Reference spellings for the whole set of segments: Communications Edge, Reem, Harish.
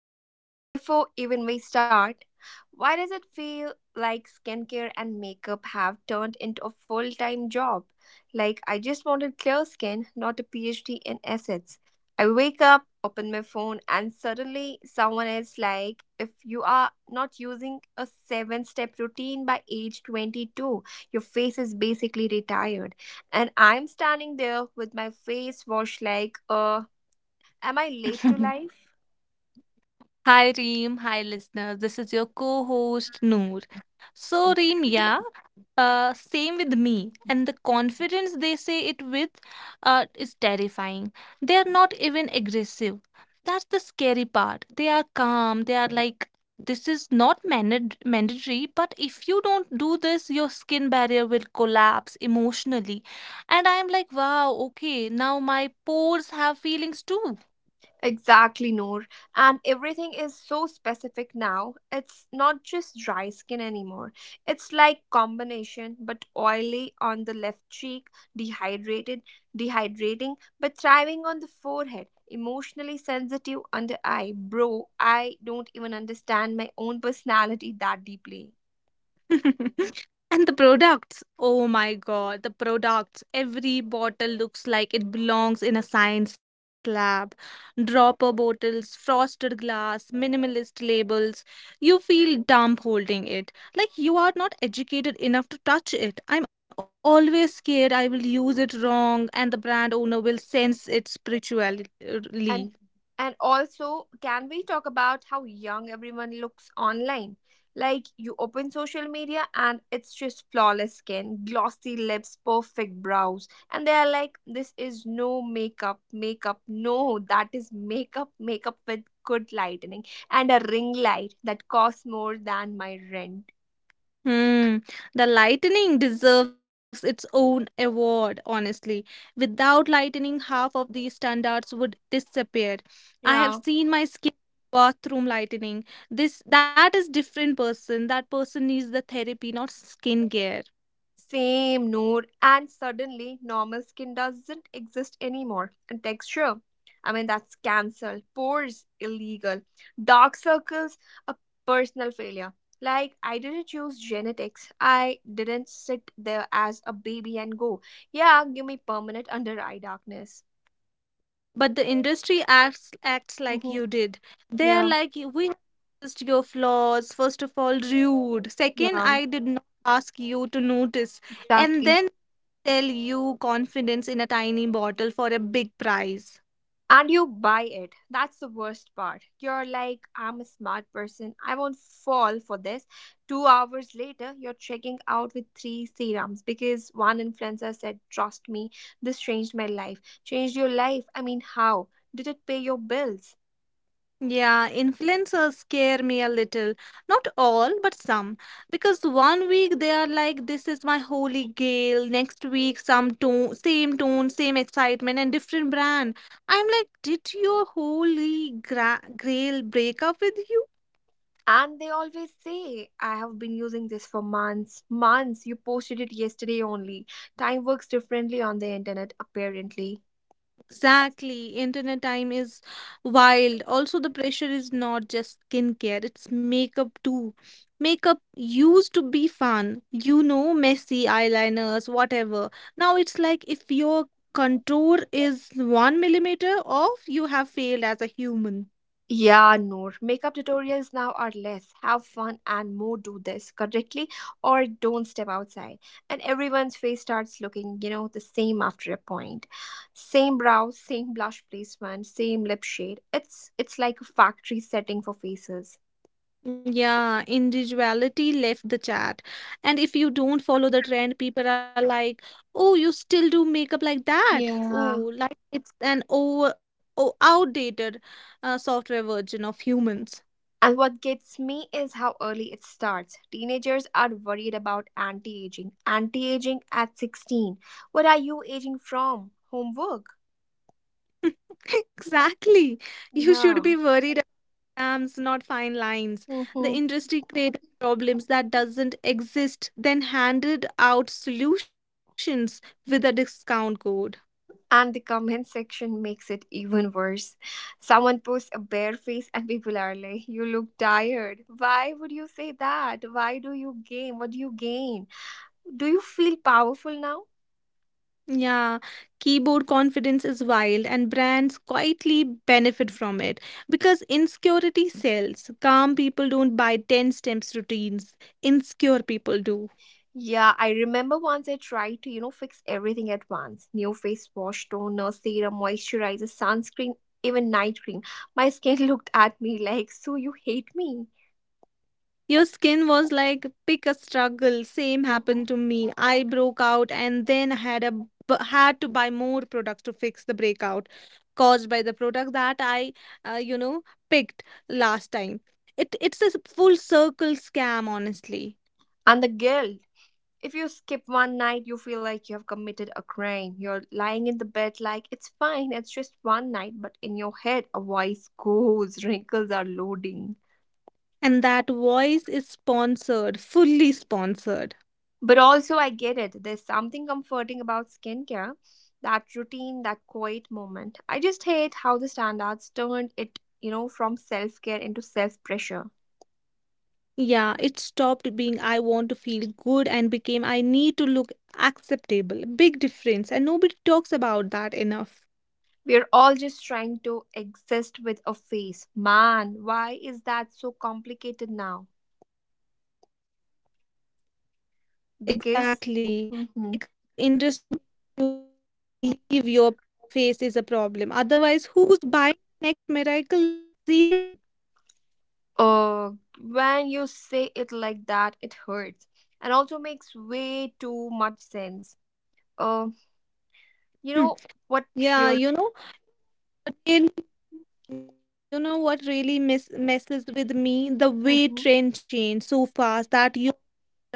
listen. Before even we start, why does it feel like skincare and makeup have turned into a full time job? Like, I just wanted clear skin, not a PhD in assets. I wake up, open my phone, and suddenly someone is like, if you are not using a seven step routine by age 22, your face is basically retired. And I'm standing there with my face washed like, am I late to Mhm. life? Hi Reem, hi listeners. This is your co-host Noor. So Reem, yeah, same with me. And the confidence they say it with is terrifying. They are not even aggressive. That's the scary part. They are calm. They are like, this is not mandate mandatory, but if you don't do this, your skin barrier will collapse emotionally. And I am like, wow, okay, now my pores have feelings too. Exactly, Noor. And everything is so specific now. It's not just dry skin anymore. It's like combination, but oily on the left cheek, dehydrated, dehydrating, but thriving on the forehead, emotionally sensitive under eye. Bro, I don't even understand my own personality that deeply. And the products. Oh my god, the products. Every bottle looks like it belongs in a science lab. Dropper bottles, frosted glass, minimalist labels. You feel dumb holding it. Like you are not educated enough to touch it. I'm always scared I will use it wrong and the brand owner will sense it and spiritually. and also, can we talk about how young everyone looks online? Like, you open social media and it's just flawless skin, glossy lips, perfect brows, and they are like, this is no makeup makeup. No, that is makeup makeup with good lightning. And a ring light that costs more than my rent. Hmm, the lightning deserves its own award, honestly. Without lightning, half of these standards would disappear. I have Yeah. seen my skin bathroom lightning. This that is different person. That person needs the therapy, not skin gear. Same, Noor. And suddenly, normal skin doesn't exist anymore. And texture, I mean, that's cancelled. Pores, illegal. Dark circles, a personal failure. Like, I didn't choose genetics. I didn't sit there as a baby and go, yeah, give me permanent under eye darkness. But the industry acts like Mhm. you did. They are Yeah, like, We have noticed your flaws." First of all, rude. Second, yeah, I did not ask you to notice. And exactly. then tell you confidence in a tiny bottle for a big prize. And you buy it. That's the worst part. You're like, I'm a smart person. I won't fall for this. 2 hours later, you're checking out with three serums because one influencer said, trust me, this changed my life. Changed your life? I mean, how? Did it pay your bills? Yeah, influencers scare me a little. Not all, but some. Because one week they are like, this is my holy grail. Next week, same tone, same excitement, and different brand. I'm like, did your holy grail break up with you? And they always say, I have been using this for months. Months. You posted it yesterday only. Time works differently on the internet, apparently. Exactly. Internet time is wild. Also, the pressure is not just skincare, it's makeup too. Makeup used to be fun, you know, messy eyeliners, whatever. Now it's like if your contour is one millimeter off, you have failed as a human. Yeah, Noor. Makeup tutorials now are less. Have fun and more do this correctly or don't step outside. And everyone's face starts looking, you know, the same after a point. Same brow, same blush placement, same lip shade. It's like a factory setting for faces. Yeah, individuality left the chat. And if you don't follow the trend, people are like, "Oh, you still do makeup like that?" Yeah. Oh, like it's an outdated software version of humans. And what gets me is how early it starts. Teenagers are worried about anti-aging. Anti-aging at 16. What are you aging from? Homework. Exactly. You Yeah. should be worried about scams, not fine lines. The hmm industry created problems that doesn't exist, then handed out solutions with a discount code. And the comment section makes it even worse. Someone posts a bare face, and people are like, you look tired. Why would you say that? Why do you gain? What do you gain? Do you feel powerful now? Yeah, keyboard confidence is wild, and brands quietly benefit from it because insecurity sells. Calm people don't buy 10 steps routines, insecure people do. Yeah, I remember once I tried to, you know, fix everything at once: new face wash, toner, serum, moisturizer, sunscreen, even night cream. My skin looked at me like, so you hate me? Your skin was like, pick a struggle. Same Mhm. happened to me. I broke out and then had to buy more products to fix the breakout caused by the product that I, uh, you know, picked last time. It's a full circle scam, honestly. And the guilt. If you skip one night, you feel like you have committed a crime. You're lying in the bed like, it's fine, it's just one night, but in your head, a voice goes, wrinkles are loading. And that voice is sponsored, fully sponsored. But also, I get it. There's something comforting about skincare, that routine, that quiet moment. I just hate how the standards turned it, you know, from self care into self pressure. Yeah, it stopped being I want to feel good and became I need to look acceptable. Big difference. And nobody talks about that enough. We're all just trying to exist with a face. Man, why is that so complicated now? Exactly. Because. Because the industry needs Mhm. you to believe your face is a problem. Otherwise, who's buying next miracle serum? Uh, when you say it like that, it hurts and also makes way too much sense. Uh, you Hmm. know what Yeah, really? you know, really yeah, you know what really messes with me? The way Mhm. trends change so fast that you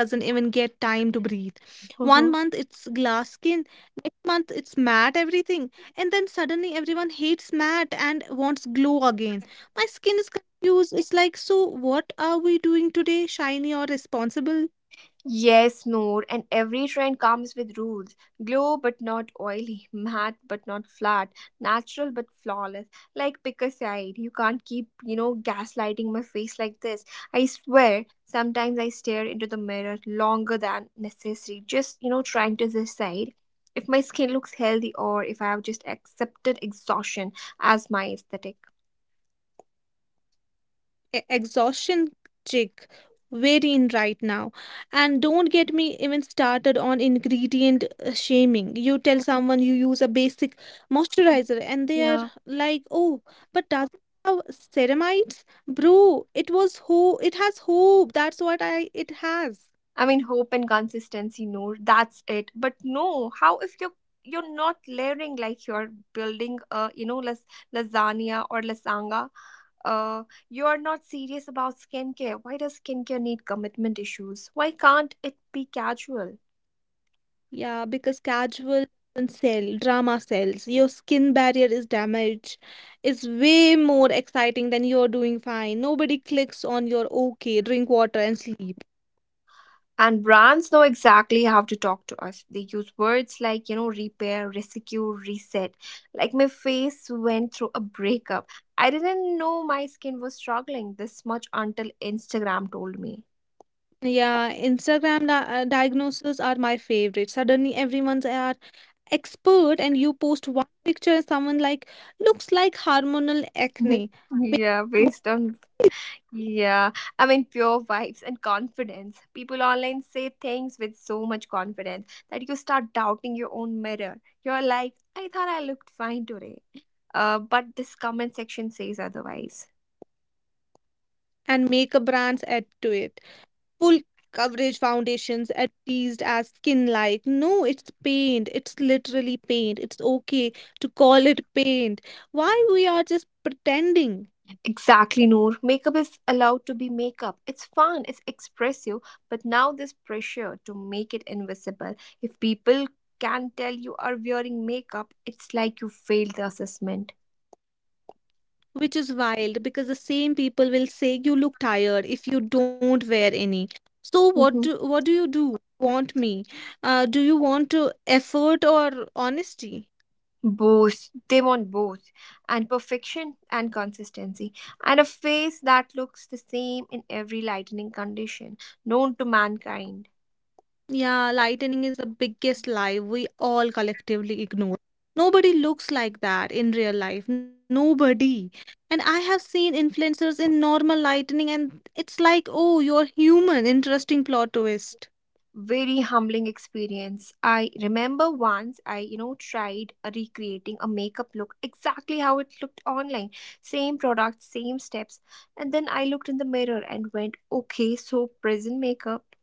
doesn't even get time to breathe. One month it's glass skin, next month it's matte everything, and then suddenly everyone hates matte and wants glow again. My skin is confused. It's like, so what are we doing today, shiny or responsible? Yes, Noor, and every trend comes with rules. Glow but not oily, matte but not flat, natural but flawless. Like, pick a side. You can't keep, you know, gaslighting my face like this. I swear, sometimes I stare into the mirror longer than necessary, just, you know, trying to decide if my skin looks healthy or if I have just accepted exhaustion as my aesthetic. Exhaustion chick, very in right now. And don't get me even started on ingredient shaming. You tell someone you use a basic moisturizer and they're Yeah. like, oh, but does it have ceramides? Bro, it was who. It has hope. That's what I it has. I mean, hope and consistency, no, that's it. But no, how, if you're not layering, like you're building a, lasagna or lasanga, uh you're not serious about skincare. Why does skincare need commitment issues? Why can't it be casual? Yeah, because casual doesn't sell, drama sells. Your skin barrier is damaged. It's way more exciting than you're doing fine. Nobody clicks on your okay, drink water and sleep. And brands know exactly how to talk to us. They use words like, repair, rescue, reset. Like, my face went through a breakup. I didn't know my skin was struggling this much until Instagram told me. Yeah, Instagram di diagnoses are my favorite. Suddenly everyone's an expert and you post one picture and someone like, looks like hormonal acne. Based Yeah, on what? based on, yeah, I mean, pure vibes and confidence. People online say things with so much confidence that you start doubting your own mirror. You're like, I thought I looked fine today. But this comment section says otherwise. And makeup brands add to it. Full coverage foundations advertised as skin, like no, it's paint. It's literally paint. It's okay to call it paint. Why we are just pretending? Exactly, Noor. Makeup is allowed to be makeup. It's fun, it's expressive, but now this pressure to make it invisible. If people can tell you are wearing makeup, it's like you failed the assessment. Which is wild because the same people will say you look tired if you don't wear any. So what Mhm. do what do you do? Want me Do you want to effort or honesty? Both. They want both. And perfection and consistency. And a face that looks the same in every lightning condition known to mankind. Yeah, lightening is the biggest lie we all collectively ignore. Nobody looks like that in real life. Nobody. And I have seen influencers in normal lightening, and it's like, oh, you're human. Interesting plot twist. Very humbling experience. I remember once I, tried recreating a makeup look exactly how it looked online. Same product, same steps. And then I looked in the mirror and went, okay, so prison makeup.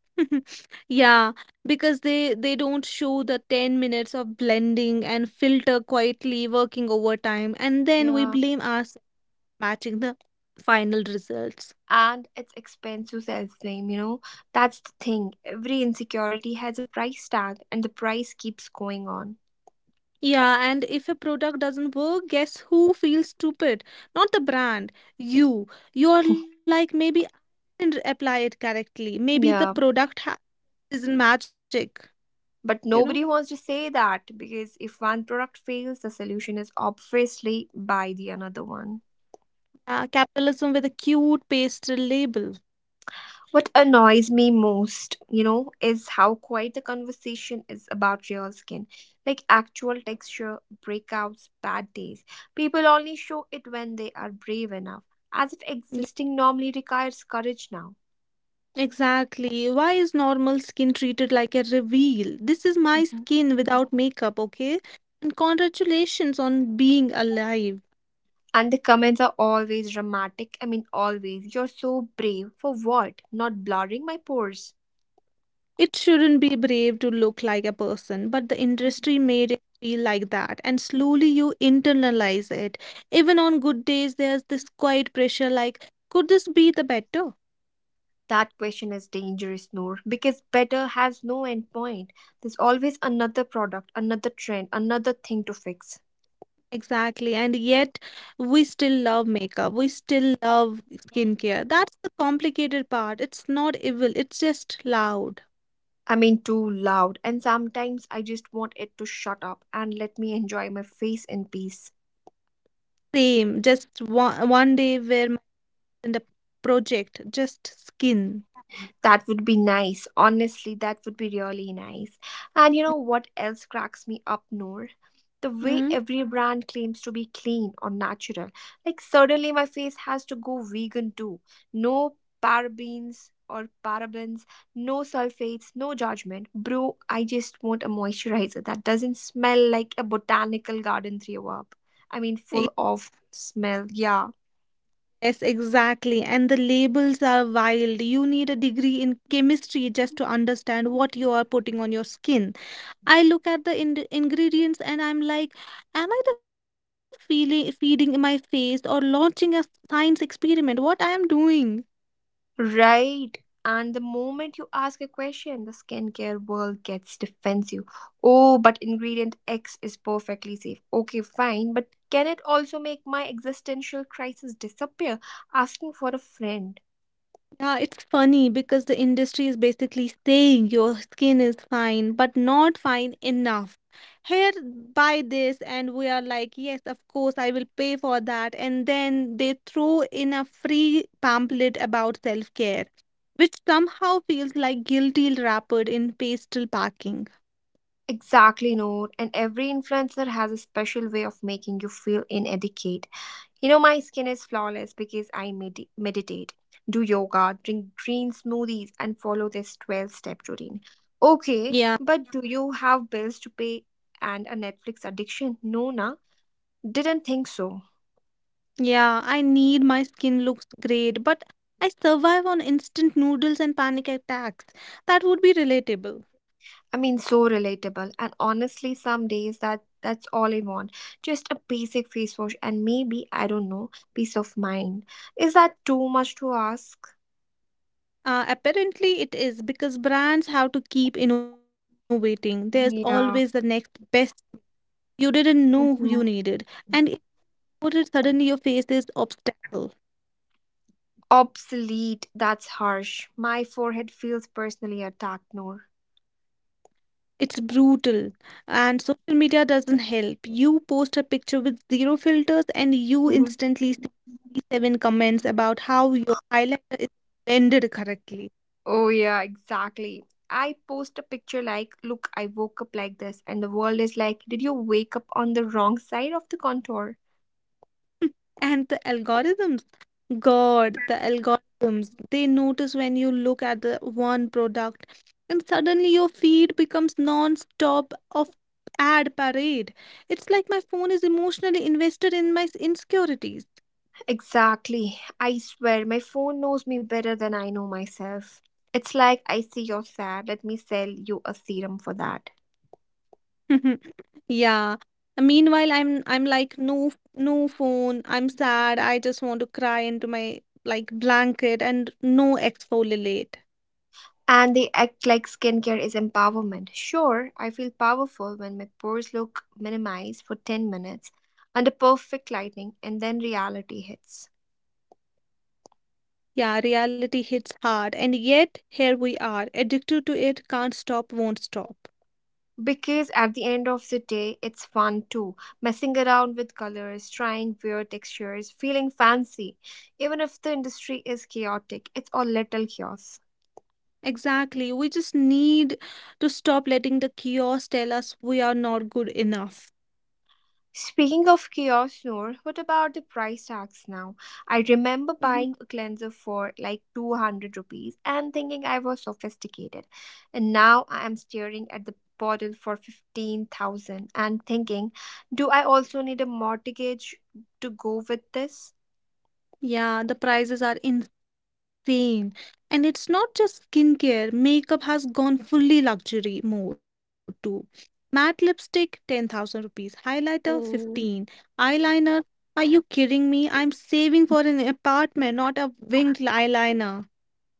Yeah, because they don't show the 10 minutes of blending and filter quietly working overtime, and then we Yeah. blame us matching the final results. And it's expensive self name. That's the thing. Every insecurity has a price tag, and the price keeps going on. Yeah, and if a product doesn't work, guess who feels stupid? Not the brand, you. You're like, maybe I didn't apply it correctly. Maybe the Yeah, isn't magic, you know? but nobody wants to say that because if one product fails, the solution is obviously buy the another one. Yeah, capitalism with a cute pastel label. What annoys me most, is how quiet the conversation is about real skin. Like actual texture, breakouts, bad days. People only show it when they are brave enough, as if Yeah, existing normally requires courage now. exactly. Why is normal skin treated like a reveal? This is my Mhm. skin without makeup, okay? And congratulations on being alive. And the comments are always dramatic. I mean, always. You're so brave. For what? Not blurring my pores. It shouldn't be brave to look like a person, but the Mhm. industry made it feel like that, and slowly you internalize it. Even on good days, there's this quiet pressure like, could this be the better? That question is dangerous, Noor, because better has no end point. There's always another product, another trend, another thing to fix. Exactly. And yet, we still love makeup, we still love skincare. That's the complicated part. It's not evil, it's just loud. I mean, too loud, and sometimes I just want it to shut up and let me enjoy my face in peace. Same, just one day where my project, just skin. That would be nice. Honestly, that would be really nice. And you know what else cracks me up, Noor? The way Hmm? every brand claims to be clean or natural. Like, suddenly my face has to go vegan too. No parabens or parabens, no sulfates, no judgment. Bro, I just want a moisturizer that doesn't smell like a botanical garden throw up. I mean, full of smell. Yeah. Yes, exactly. And the labels are wild. You need a degree in chemistry just to understand what you are putting on your skin. I look at the ingredients and I'm like, am I the feeling feeding my face or launching a science experiment? What I am doing? Right. And the moment you ask a question, the skincare world gets defensive. Oh, but ingredient X is perfectly safe. Okay, fine, but can it also make my existential crisis disappear? Asking for a friend. Yeah, it's funny because the industry is basically saying your skin is fine, but not fine enough. Here, buy this, and we are like, yes, of course, I will pay for that. And then they throw in a free pamphlet about self care, which somehow feels like guilty wrapped in pastel packing. Exactly, no. And every influencer has a special way of making you feel inadequate. You know, my skin is flawless because I meditate, do yoga, drink green smoothies, and follow this 12 step routine. Okay, Yeah, but do you have bills to pay and a Netflix addiction? No, na. Didn't think so. yeah, I need my skin looks great, but I survive on instant noodles and panic attacks. That would be relatable. I mean, so relatable. And honestly, some days that's all I want. Just a basic face wash and maybe, I don't know, peace of mind. Is that too much to ask? Apparently, it is because brands have to keep innovating. There's always the next Yeah. best. You didn't know who you needed, and it noted suddenly your face is obstacle. Obsolete, that's harsh. My forehead feels personally attacked, Noor. It's brutal, and social media doesn't help. You post a picture with zero filters, and you Mhm. instantly see seven comments about how your highlighter is blended correctly. Oh, yeah, exactly. I post a picture like, look, I woke up like this, and the world is like, did you wake up on the wrong side of the contour? And the algorithms. God, the algorithms, they notice when you look at the one product and suddenly your feed becomes non-stop of ad parade. It's like my phone is emotionally invested in my insecurities. Exactly. I swear my phone knows me better than I know myself. It's like, I see you're sad. Let me sell you a serum for that. Yeah. Meanwhile, I'm like, no, no phone. I'm sad. I just want to cry into my like blanket and no exfoliate. And they act like skincare is empowerment. Sure, I feel powerful when my pores look minimized for 10 minutes under perfect lighting and then reality hits. Yeah, reality hits hard, and yet here we are, addicted to it, can't stop, won't stop. Because at the end of the day, it's fun too. Messing around with colors, trying weird textures, feeling fancy. Even if the industry is chaotic, it's all little chaos. Exactly. We just need to stop letting the chaos tell us we are not good enough. Speaking of chaos, Noor, what about the price tags now? I remember Mm-hmm. buying a cleanser for like 200 rupees and thinking I was sophisticated. And now I am staring at the bottle for 15,000 and thinking, do I also need a mortgage to go with this? Yeah, the prices are insane. And it's not just skincare, makeup has gone fully luxury mode too. Matte lipstick 10,000 rupees, highlighter Oh. 15, eyeliner. Are you kidding me? I'm saving for an apartment, not a winged eyeliner.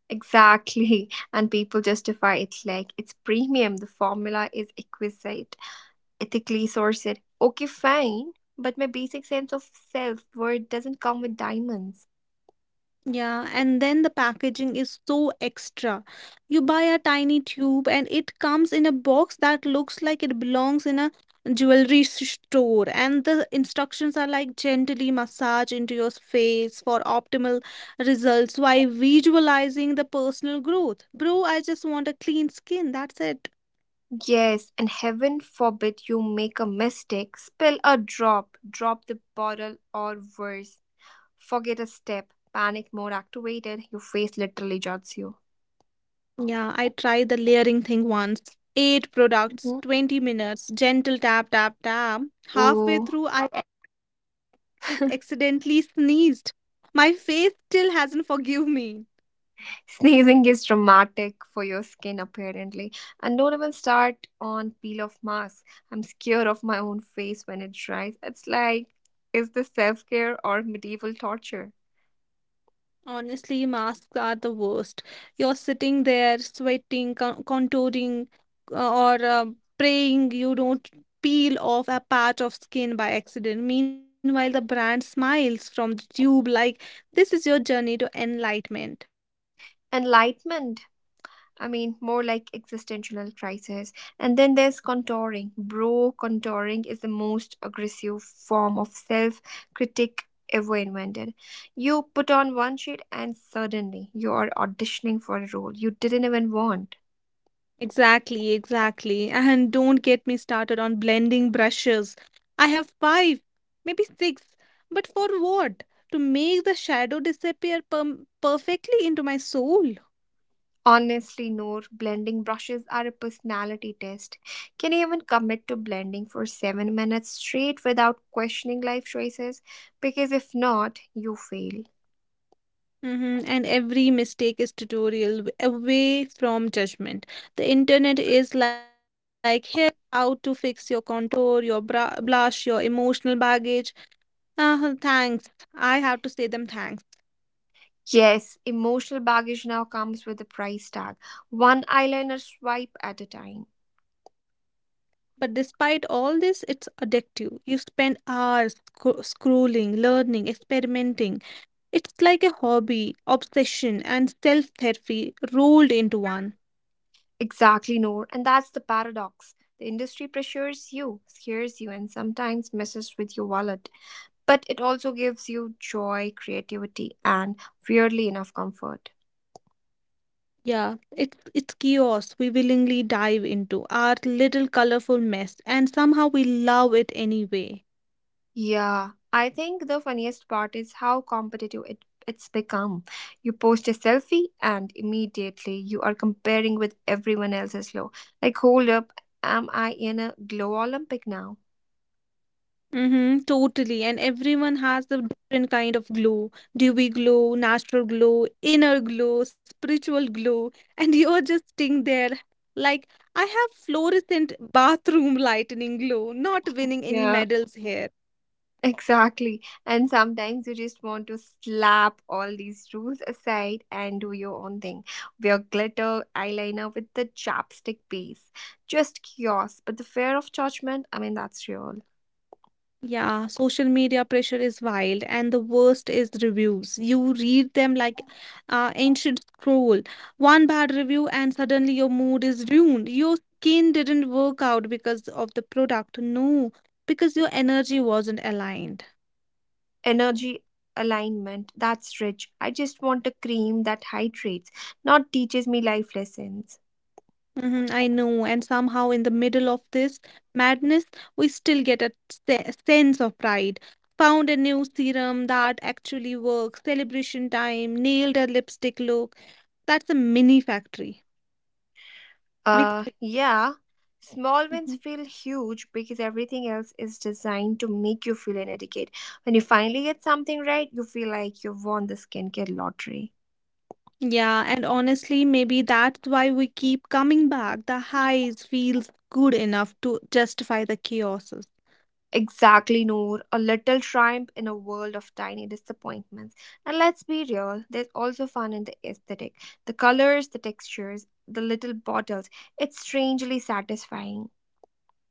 Exactly. And people justify it like it's premium. The formula is exquisite, ethically sourced. Okay, fine. But my basic sense of self worth doesn't come with diamonds. Yeah, and then the packaging is so extra. You buy a tiny tube and it comes in a box that looks like it belongs in a store. And the instructions are like gently massage into your face for optimal results while visualizing the personal growth. Bro, I just want a clean skin. That's it. Yes, and heaven forbid you make a mistake, spill a drop, drop the bottle, or worse, forget a step. Panic mode activated, your face literally jots you. Yeah, I tried the layering thing once. Eight Mhm. products, 20 minutes, gentle tap, tap, tap. Oh, Halfway through, I accidentally sneezed. My face still hasn't forgive me. sneezing is traumatic for your skin, apparently. And don't even start on peel off mask. I'm scared of my own face when it dries. It's like, is this self care or medieval torture? Honestly, masks are the worst. You're sitting there sweating, contouring, or praying you don't peel off a patch of skin by accident. Meanwhile, the brand smiles from the tube like, this is your journey to enlightenment. Enlightenment. I mean, more like existential crisis. And then there's contouring. Bro contouring is the most aggressive form of self critic ever invented. You put on one sheet and suddenly you are auditioning for a role you didn't even want. Exactly, exactly. And don't get me started on blending brushes. I have five, maybe six. But for what? To make the shadow disappear perm perfectly into my soul. Honestly, Noor, blending brushes are a personality test. Can you even commit to blending for 7 minutes straight without questioning life choices? Because if not, you fail. Hmm. And every mistake is tutorial away from judgment. The internet is like, here, how to fix your contour, your bra blush, your emotional baggage. Thanks. I have to say them thanks. Yes, emotional baggage now comes with a price tag. One eyeliner swipe at a time. But despite all this, it's addictive. You spend hours scrolling, learning, experimenting. It's like a hobby, obsession, and self therapy rolled into one. Exactly, Noor, and that's the paradox. The industry pressures you, scares you, and sometimes messes with your wallet. But it also gives you joy, creativity, and weirdly enough, comfort. Yeah, it's chaos we willingly dive into, our little colorful mess, and somehow we love it anyway. Yeah, I think the funniest part is how competitive it's become. You post a selfie and immediately you are comparing with everyone else's low. Like, hold up, am I in a glow Olympic now? Mm-hmm, totally. And everyone has a different kind of glow. Dewy glow, natural glow, inner glow, spiritual glow. And you're just sitting there like, I have fluorescent bathroom lightning glow, not winning any Yeah, medals here. exactly. And sometimes you just want to slap all these rules aside and do your own thing. Wear glitter eyeliner with the chapstick base. Just chaos, but the fear of judgment, I mean, that's real. Yeah, social media pressure is wild, and the worst is reviews. You read them like ancient scroll. One bad review, and suddenly your mood is ruined. Your skin didn't work out because of the product. No, because your energy wasn't aligned. Energy alignment, that's rich. I just want a cream that hydrates, not teaches me life lessons. I know. And somehow, in the middle of this madness, we still get a sense of pride. Found a new serum that actually works, celebration time, nailed a lipstick look. That's a mini factory. Uh, Victory. yeah. Small wins Mhm. feel huge because everything else is designed to make you feel inadequate. When you finally get something right, you feel like you've won the skincare lottery. Yeah, and honestly, maybe that's why we keep coming back. The highs feels good enough to justify the chaoses. Exactly, Noor. A little triumph in a world of tiny disappointments. And let's be real, there's also fun in the aesthetic. The colors, the textures, the little bottles. It's strangely satisfying.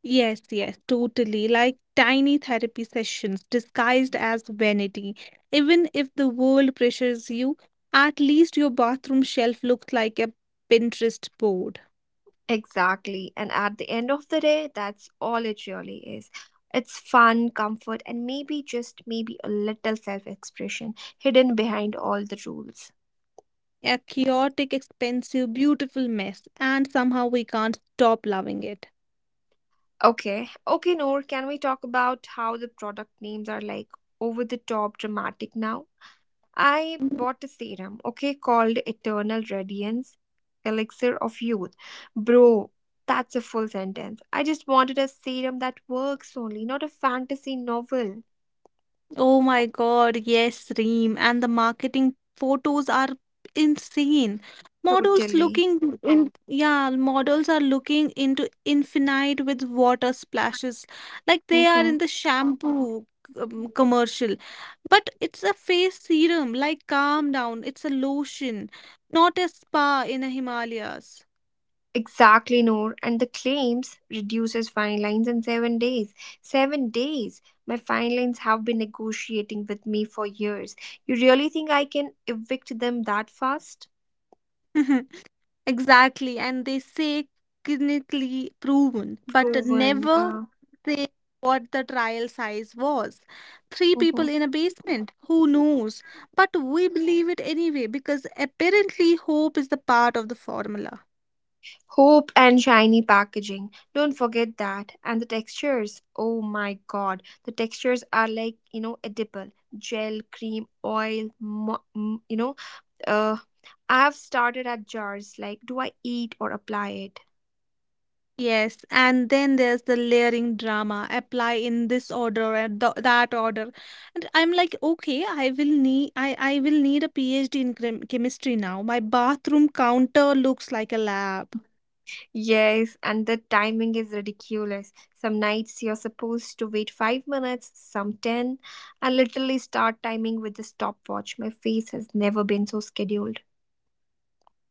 Yes, yes, totally. Like tiny therapy sessions disguised as vanity. Even if the world pressures you, at least your bathroom shelf looks like a Pinterest board. Exactly. And at the end of the day, that's all it really is. It's fun, comfort, and maybe just maybe a little self expression hidden behind all the rules. A chaotic, expensive, beautiful mess, and somehow we can't stop loving it. Okay. Okay, Noor, can we talk about how the product names are like over the top dramatic now? I bought a serum, okay, called Eternal Radiance Elixir of Youth. Bro, that's a full sentence. I just wanted a serum that works only, not a fantasy novel. Oh my God, yes, Reem. And the marketing photos are insane. Models Totally. looking in, yeah, models are looking into infinite with water splashes, like they are Mm-hmm. in the shampoo commercial. But it's a face serum, like calm down. It's a lotion, not a spa in the Himalayas. Exactly, Noor. And the claims reduces fine lines in 7 days. 7 days. My fine lines have been negotiating with me for years. You really think I can evict them that fast? Exactly, and they say clinically proven, but Proven, never yeah. say what the trial size was. Three Mm-hmm. people in a basement, who knows? But we believe it anyway because apparently hope is the part of the formula. Hope and shiny packaging. Don't forget that. And the textures. Oh my god. The textures are like, edible. Gel, cream, oil, Uh. I've started at jars like, do I eat or apply it? Yes, and then there's the layering drama. Apply in this order and that order, and I'm like, okay, I will need, I will need a PhD in chemistry now. My bathroom counter looks like a lab. Yes, and the timing is ridiculous. Some nights you're supposed to wait 5 minutes, some 10, and literally start timing with the stopwatch. My face has never been so scheduled.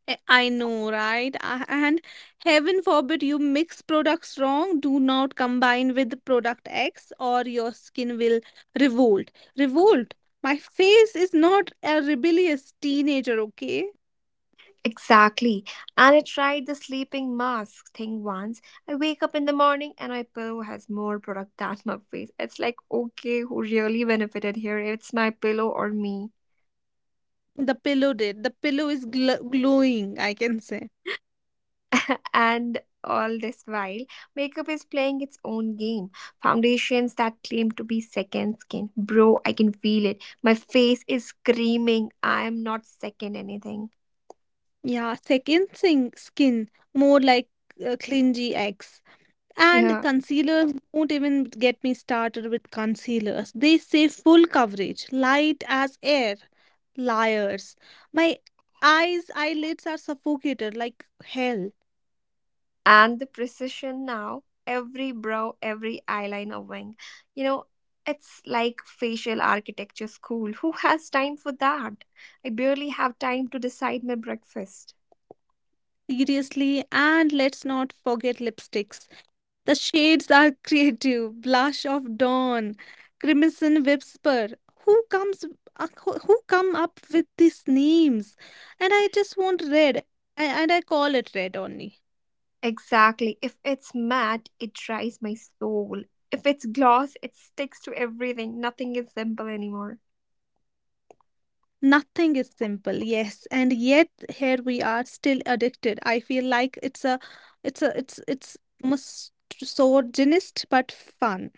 I know, right? And heaven forbid you mix products wrong. Do not combine with product X or your skin will revolt. Revolt. My face is not a rebellious teenager, okay? Exactly. And I tried the sleeping mask thing once. I wake up in the morning and my pillow has more product than my face. It's like, okay, who really benefited here? It's my pillow or me. The pillow did. The pillow is glowing, I can say. And all this while, makeup is playing its own game. Foundations that claim to be second skin. Bro, I can feel it. My face is screaming, I am not second anything. Yeah, second thing, skin. More like clingy X. And Yeah. concealers, don't even get me started with concealers. They say full coverage, light as air. Liars. My eyes, eyelids are suffocated like hell. And the precision now, every brow, every eyeliner wing, you know it's like facial architecture school. Who has time for that? I barely have time to decide my breakfast. Seriously, and let's not forget lipsticks. The shades are creative. Blush of dawn, crimson whisper. Who comes? Who come up with these names? And I just want red, and I call it red only. Exactly. If it's matte, it dries my soul. If it's gloss, it sticks to everything. Nothing is simple anymore. Nothing is simple, yes. And yet here we are still addicted. I feel like it's a it's a it's it's misogynist but fun.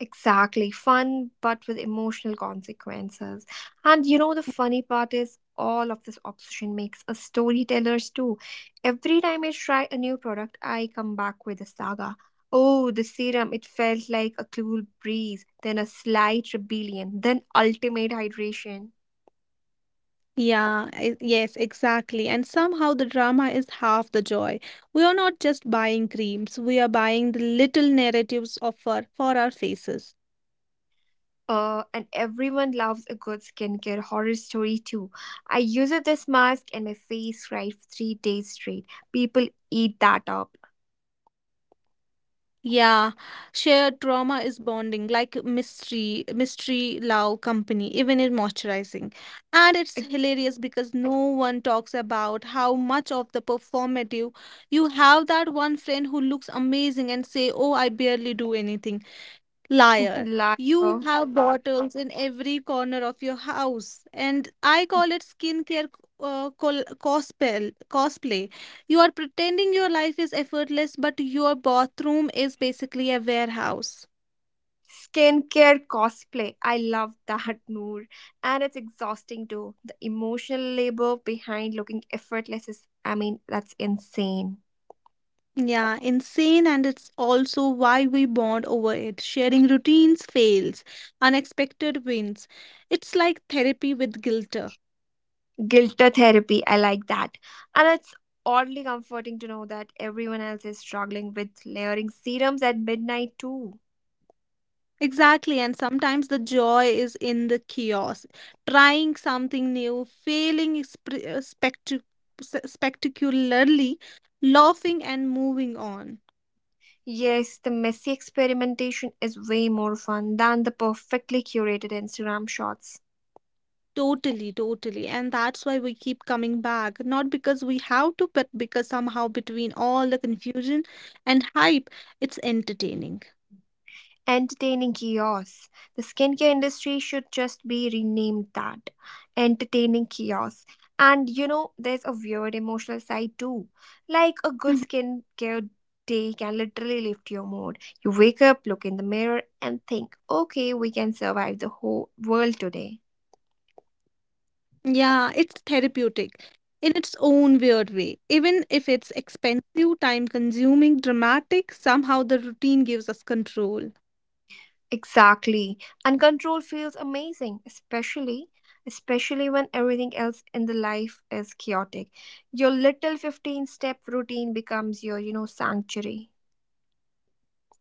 Exactly. Fun, but with emotional consequences. And you know, the funny part is all of this obsession makes us storytellers too. Every time I try a new product, I come back with a saga. Oh, the serum, it felt like a cool breeze, then a slight rebellion, then ultimate hydration. Yeah, yes, exactly. And somehow the drama is half the joy. We are not just buying creams, we are buying the little narratives of for our faces. And everyone loves a good skincare horror story too. I used this mask and my face fried for 3 days straight. People eat that up. Yeah, shared trauma is bonding, like mystery, love, company, even in moisturizing. And it's Ex- hilarious because no one talks about how much of the performative you have that one friend who looks amazing and say, "Oh, I barely do anything." Liar. You Liar. have bottles in every corner of your house. And I call it skincare col cospel cosplay. You are pretending your life is effortless, but your bathroom is basically a warehouse. Skincare cosplay. I love that, Noor. And it's exhausting too. The emotional labor behind looking effortless is, I mean, that's insane. Yeah, insane. And it's also why we bond over it. Sharing routines, fails, unexpected wins. It's like therapy with guilt. Guilter therapy. I like that. And it's oddly comforting to know that everyone else is struggling with layering serums at midnight too. Exactly, and sometimes the joy is in the chaos, trying something new, failing spectacularly, laughing and moving on. Yes, the messy experimentation is way more fun than the perfectly curated Instagram shots. Totally, totally. And that's why we keep coming back. Not because we have to, but because somehow between all the confusion and hype, it's entertaining. Entertaining chaos. The skincare industry should just be renamed that. Entertaining chaos. And you know, there's a weird emotional side too. Like a good skincare day can literally lift your mood. You wake up, look in the mirror, and think, okay, we can survive the whole world today. Yeah, it's therapeutic in its own weird way. Even if it's expensive, time consuming, dramatic, somehow the routine gives us control. Exactly. And control feels amazing, especially when everything else in the life is chaotic. Your little 15 step routine becomes your sanctuary.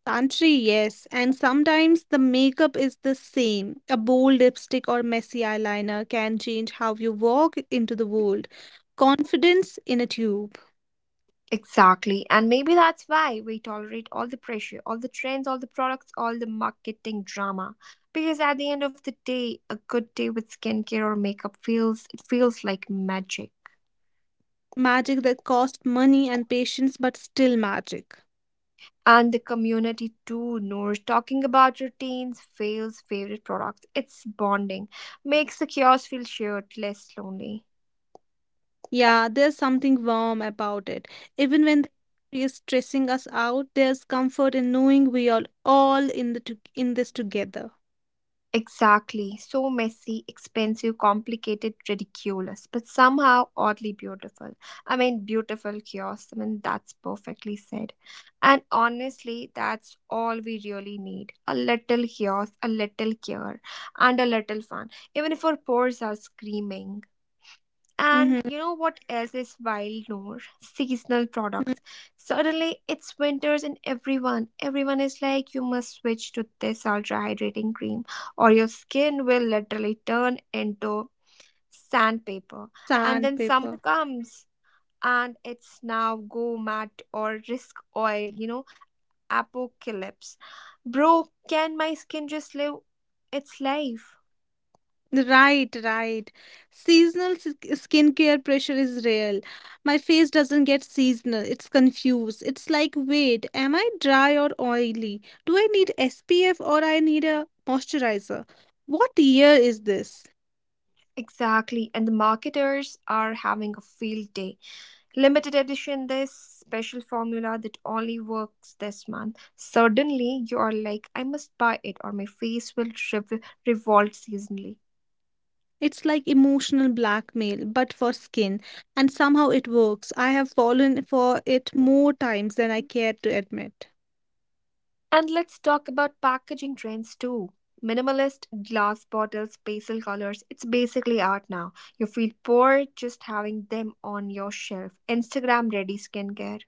Santri, yes, and sometimes the makeup is the same. A bold lipstick or messy eyeliner can change how you walk into the world. Confidence in a tube. Exactly. And maybe that's why we tolerate all the pressure, all the trends, all the products, all the marketing drama. Because at the end of the day, a good day with skincare or makeup feels it feels like magic. Magic that costs money and patience, but still magic. And the community too knows talking about routines, fails, favorite products. It's bonding. Makes the chaos feel shared, less lonely. Yeah, there's something warm about it. Even when the industry is stressing us out, there's comfort in knowing we are all in in this together. Exactly. So messy, expensive, complicated, ridiculous, but somehow oddly beautiful. I mean, beautiful chaos. I mean, that's perfectly said. And honestly, that's all we really need, a little chaos, a little care, and a little fun, even if our pores are screaming. And Mm-hmm. you know what else is wild, Noor? Seasonal products. Suddenly it's winters and everyone is like, you must switch to this ultra hydrating cream or your skin will literally turn into sandpaper. And Sand, then paper. summer comes and it's now go matte or risk oil, apocalypse. Bro, can my skin just live its life? Right, right. Seasonal s- skincare pressure is real. My face doesn't get seasonal. It's confused. It's like, wait, am I dry or oily? Do I need SPF or I need a moisturizer? What year is this? Exactly. And the marketers are having a field day. Limited edition, this special formula that only works this month. Suddenly, you are like, I must buy it or my face will revolt seasonally. It's like emotional blackmail, but for skin. And somehow it works. I have fallen for it more times than I care to admit. And let's talk about packaging trends too. Minimalist glass bottles, pastel colors, it's basically art now. You feel poor just having them on your shelf. Instagram ready skincare.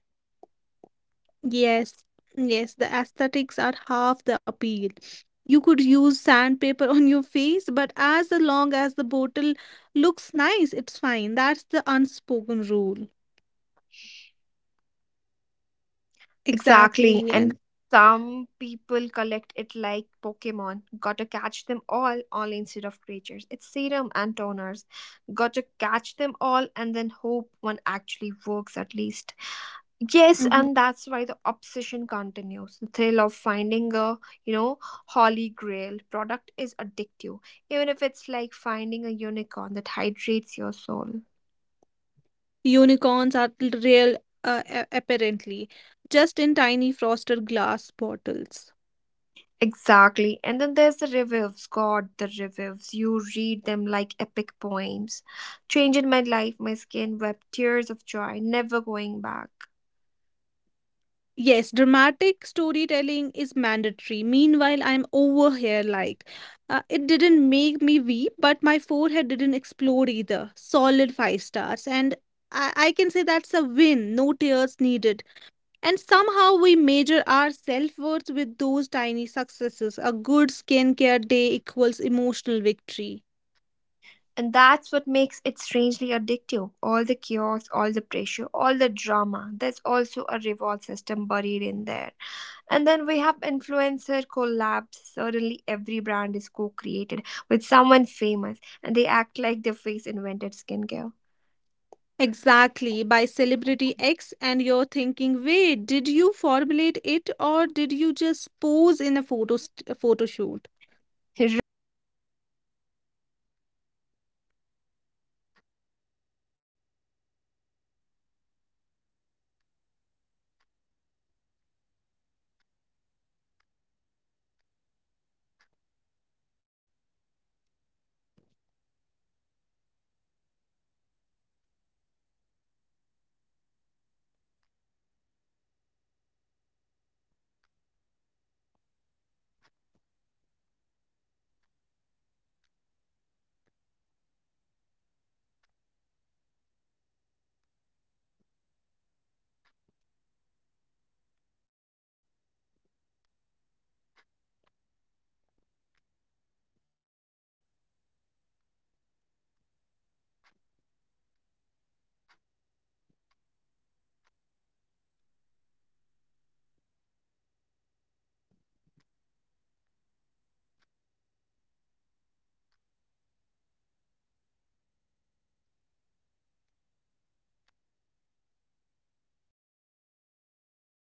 Yes, yes, the aesthetics are half the appeal. You could use sandpaper on your face, but as long as the bottle looks nice, it's fine. That's the unspoken rule. Exactly. Exactly, And and some people collect it like Pokemon. Gotta catch them all, only instead of creatures, it's serum and toners. Gotta catch them all and then hope one actually works at least. Yes, Mhm. and that's why the obsession continues. The thrill of finding a, you know, holy grail product is addictive, even if it's like finding a unicorn that hydrates your soul. unicorns are real, apparently, just in tiny frosted glass bottles. Exactly. And then there's the reviews. God, the reviews. You read them like epic poems. Changing my life, my skin wept tears of joy, never going back. Yes, dramatic storytelling is mandatory. Meanwhile, I'm over here like it didn't make me weep, but my forehead didn't explode either. Solid 5 stars. And I can say that's a win, no tears needed. And somehow we measure our self worth with those tiny successes. A good skincare day equals emotional victory. And that's what makes it strangely addictive. All the chaos, all the pressure, all the drama. There's also a reward system buried in there. And then we have influencer collabs. Suddenly, every brand is co created with someone famous and they act like their face invented skincare. Exactly, by celebrity X, and you're thinking, wait, did you formulate it or did you just pose in a photo shoot? Right, I can tell. I can't tell, I mean. But the hype is real. People line up online like it's a concert ticket. I bought one once just to see what the fuss was about. And it was fine, nothing miraculous, but I felt included in the hype. That's the whole point. Inclusion in the hype, priceless, and that's how they get you. It's not about results, it's about FOMO and the experience. And the drama keeps escalating. One day it's glass skin, next it's dewy glow, and then it's skin that looks like it was kissed by angels. I mean, I just want my face to survive Monday, not get divine approval. And everyone's chasing the angel face. Meanwhile, my face is like, do I even exist today? Or is this just hype? So, thank you for being with us for this long. This was your host, Reem, and this was your co host, Reem. See you next time. Bye bye.